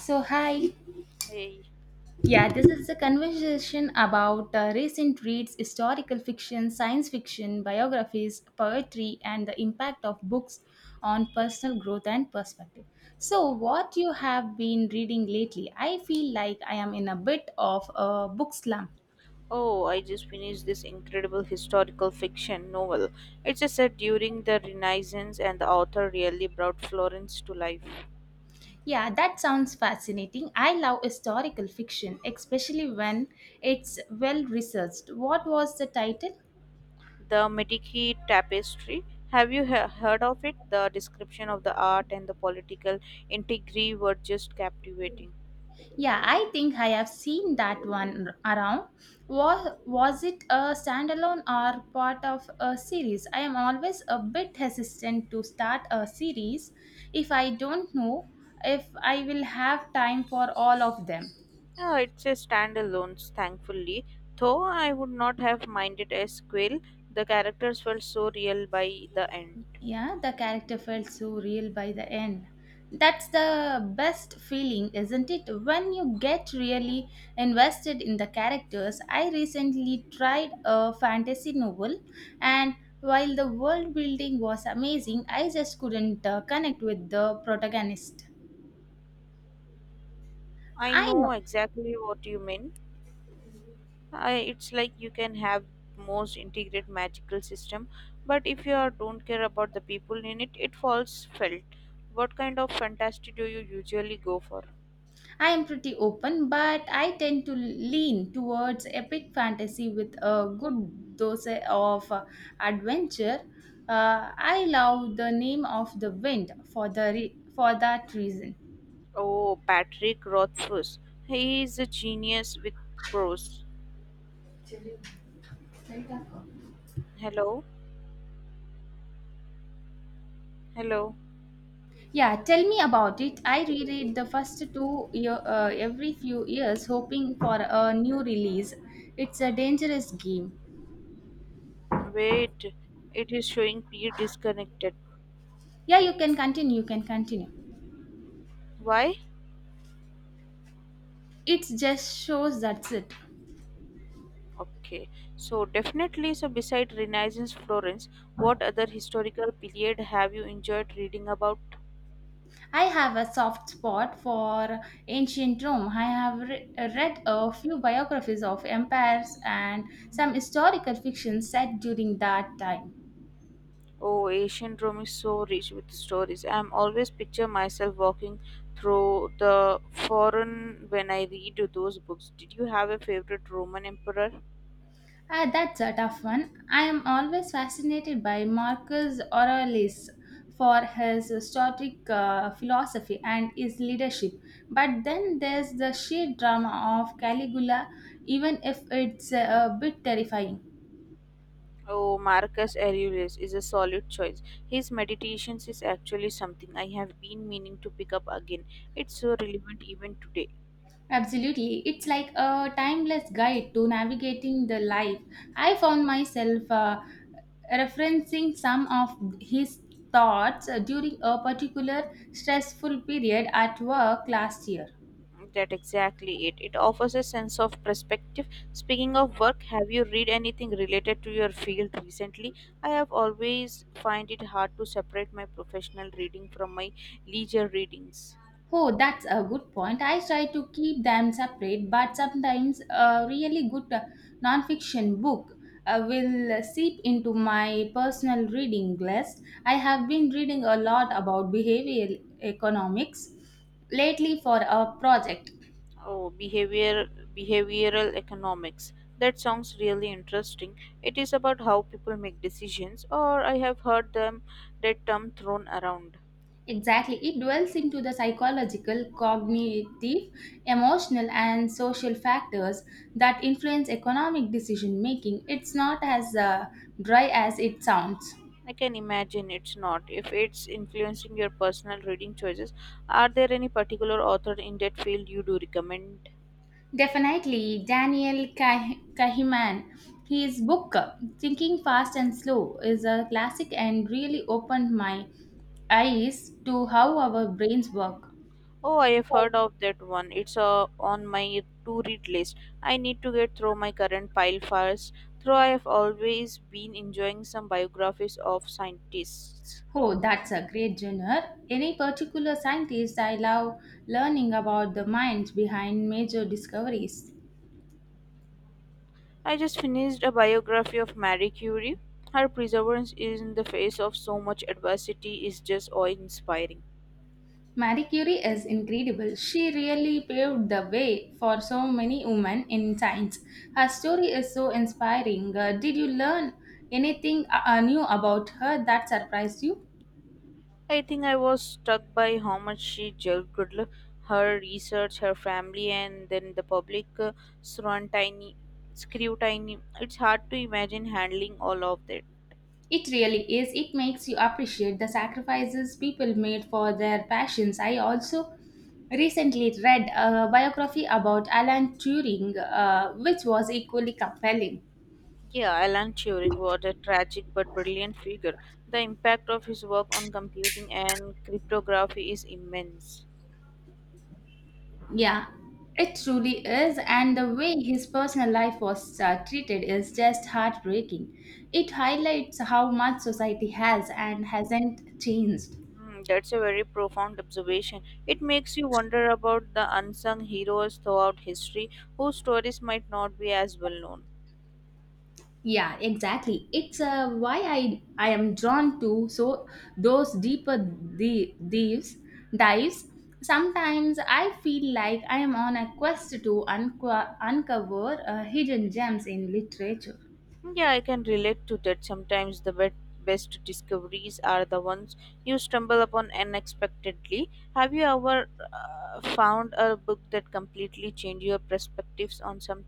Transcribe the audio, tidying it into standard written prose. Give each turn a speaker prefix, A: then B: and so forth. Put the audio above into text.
A: So, hi.
B: Hey,
A: Yeah, this is a conversation about recent reads, historical fiction, science fiction, biographies, poetry, and the impact of books on personal growth and perspective. So, what you have been reading lately? I feel like I am in a bit of a book slump.
B: oh, I just finished this incredible historical fiction novel. It's a set during the Renaissance, and the author really brought Florence to life.
A: Yeah, that sounds fascinating. I love historical fiction, especially when it's well researched. What was the title?
B: The Medici Tapestry. Have you heard of it? The description of the art and the political intrigue were just captivating.
A: Yeah, I think I have seen that one around. Was it a standalone or part of a series? I am always a bit hesitant to start a series if I don't know if I will have time for all of them.
B: Ah, it's a standalone, thankfully. Though I would not have minded a sequel, the characters felt so real by the end.
A: Yeah, the character felt so real by the end. That's the best feeling, isn't it? When you get really invested in the characters. I recently tried a fantasy novel, and while the world building was amazing, I just couldn't connect with the protagonist.
B: I
A: I know
B: know exactly what you mean. I, it's like you can have most integrated magical system, but if you are, don't care about the people in it it falls felt. What kind of fantasy do you usually go for?
A: I am pretty open, but I tend to lean towards epic fantasy with a good dose of adventure. I love the name of the wind for that reason.
B: Oh, Patrick Rothfuss, he is a genius with prose. Hello. Hello.
A: Yeah, tell me about it. I reread the first 2 year, every few years, hoping for a new release. It's a dangerous game.
B: Wait, it is showing P disconnected.
A: Yeah, you can continue. You can continue.
B: Why?
A: It just shows that's it.
B: Okay, so definitely, so beside Renaissance Florence, what other historical period have you enjoyed reading about?
A: I have a soft spot for ancient Rome. I have read a few biographies of empires and some historical fiction set during that time.
B: Oh, ancient Rome is so rich with stories. I'm always picture myself walking through the forum when I read those books. Did you have a favorite Roman emperor?
A: Ah, that's a tough one. I am always fascinated by Marcus Aurelius for his stoic philosophy and his leadership. But then there's the sheer drama of Caligula, even if it's a bit terrifying.
B: Oh, Marcus Aurelius is a solid choice. His meditations is actually something I have been meaning to pick up again. It's so relevant even today.
A: Absolutely. It's like a timeless guide to navigating the life. I found myself referencing some of his thoughts during a particular stressful period at work last year.
B: That exactly it. It offers a sense of perspective. Speaking of work, have you read anything related to your field recently? I have always find it hard to separate my professional reading from my leisure readings.
A: Oh, that's a good point. I try to keep them separate, but sometimes a really good nonfiction book will seep into my personal reading list. I have been reading a lot about behavioral economics lately for a project.
B: Oh, behavioral economics. That sounds really interesting. It is about how people make decisions, or I have heard them that term thrown around.
A: Exactly, it dwells into the psychological, cognitive, emotional, and social factors that influence economic decision making. It's not as dry as it sounds.
B: I can imagine it's not. If it's influencing your personal reading choices, are there any particular author in that field you do recommend?
A: Definitely, Kahneman. His book, Thinking Fast and Slow, is a classic and really opened my eyes to how our brains work.
B: Oh, I have heard of that one. It's on my to read list. I need to get through my current pile first. Though I have always been enjoying some biographies of scientists.
A: Oh, that's a great genre. Any particular scientist I love learning about the minds behind major discoveries?
B: I just finished a biography of Marie Curie. Her perseverance in the face of so much adversity is just awe inspiring.
A: Marie Curie is incredible. She really paved the way for so many women in science. Her story is so inspiring. Did you learn anything new about her that surprised you?
B: I think I was struck by how much she juggled her research, her family, and then the public scrutiny. Scrutiny. It's hard to imagine handling all of that.
A: It really is. It makes you appreciate the sacrifices people made for their passions. I also recently read a biography about Alan Turing, which was equally compelling.
B: Yeah, Alan Turing was a tragic but brilliant figure. The impact of his work on computing and cryptography is immense.
A: Yeah, it truly is, and the way his personal life was treated is just heartbreaking. It highlights how much society has and hasn't changed.
B: Mm, that's a very profound observation. It makes you wonder about the unsung heroes throughout history whose stories might not be as well known.
A: Yeah, exactly. It's why I am drawn to so those deeper dives. Sometimes I feel like I am on a quest to uncover hidden gems in literature.
B: Yeah, I can relate to that. Sometimes the best discoveries are the ones you stumble upon unexpectedly. Have you ever found a book that completely changed your perspectives on something?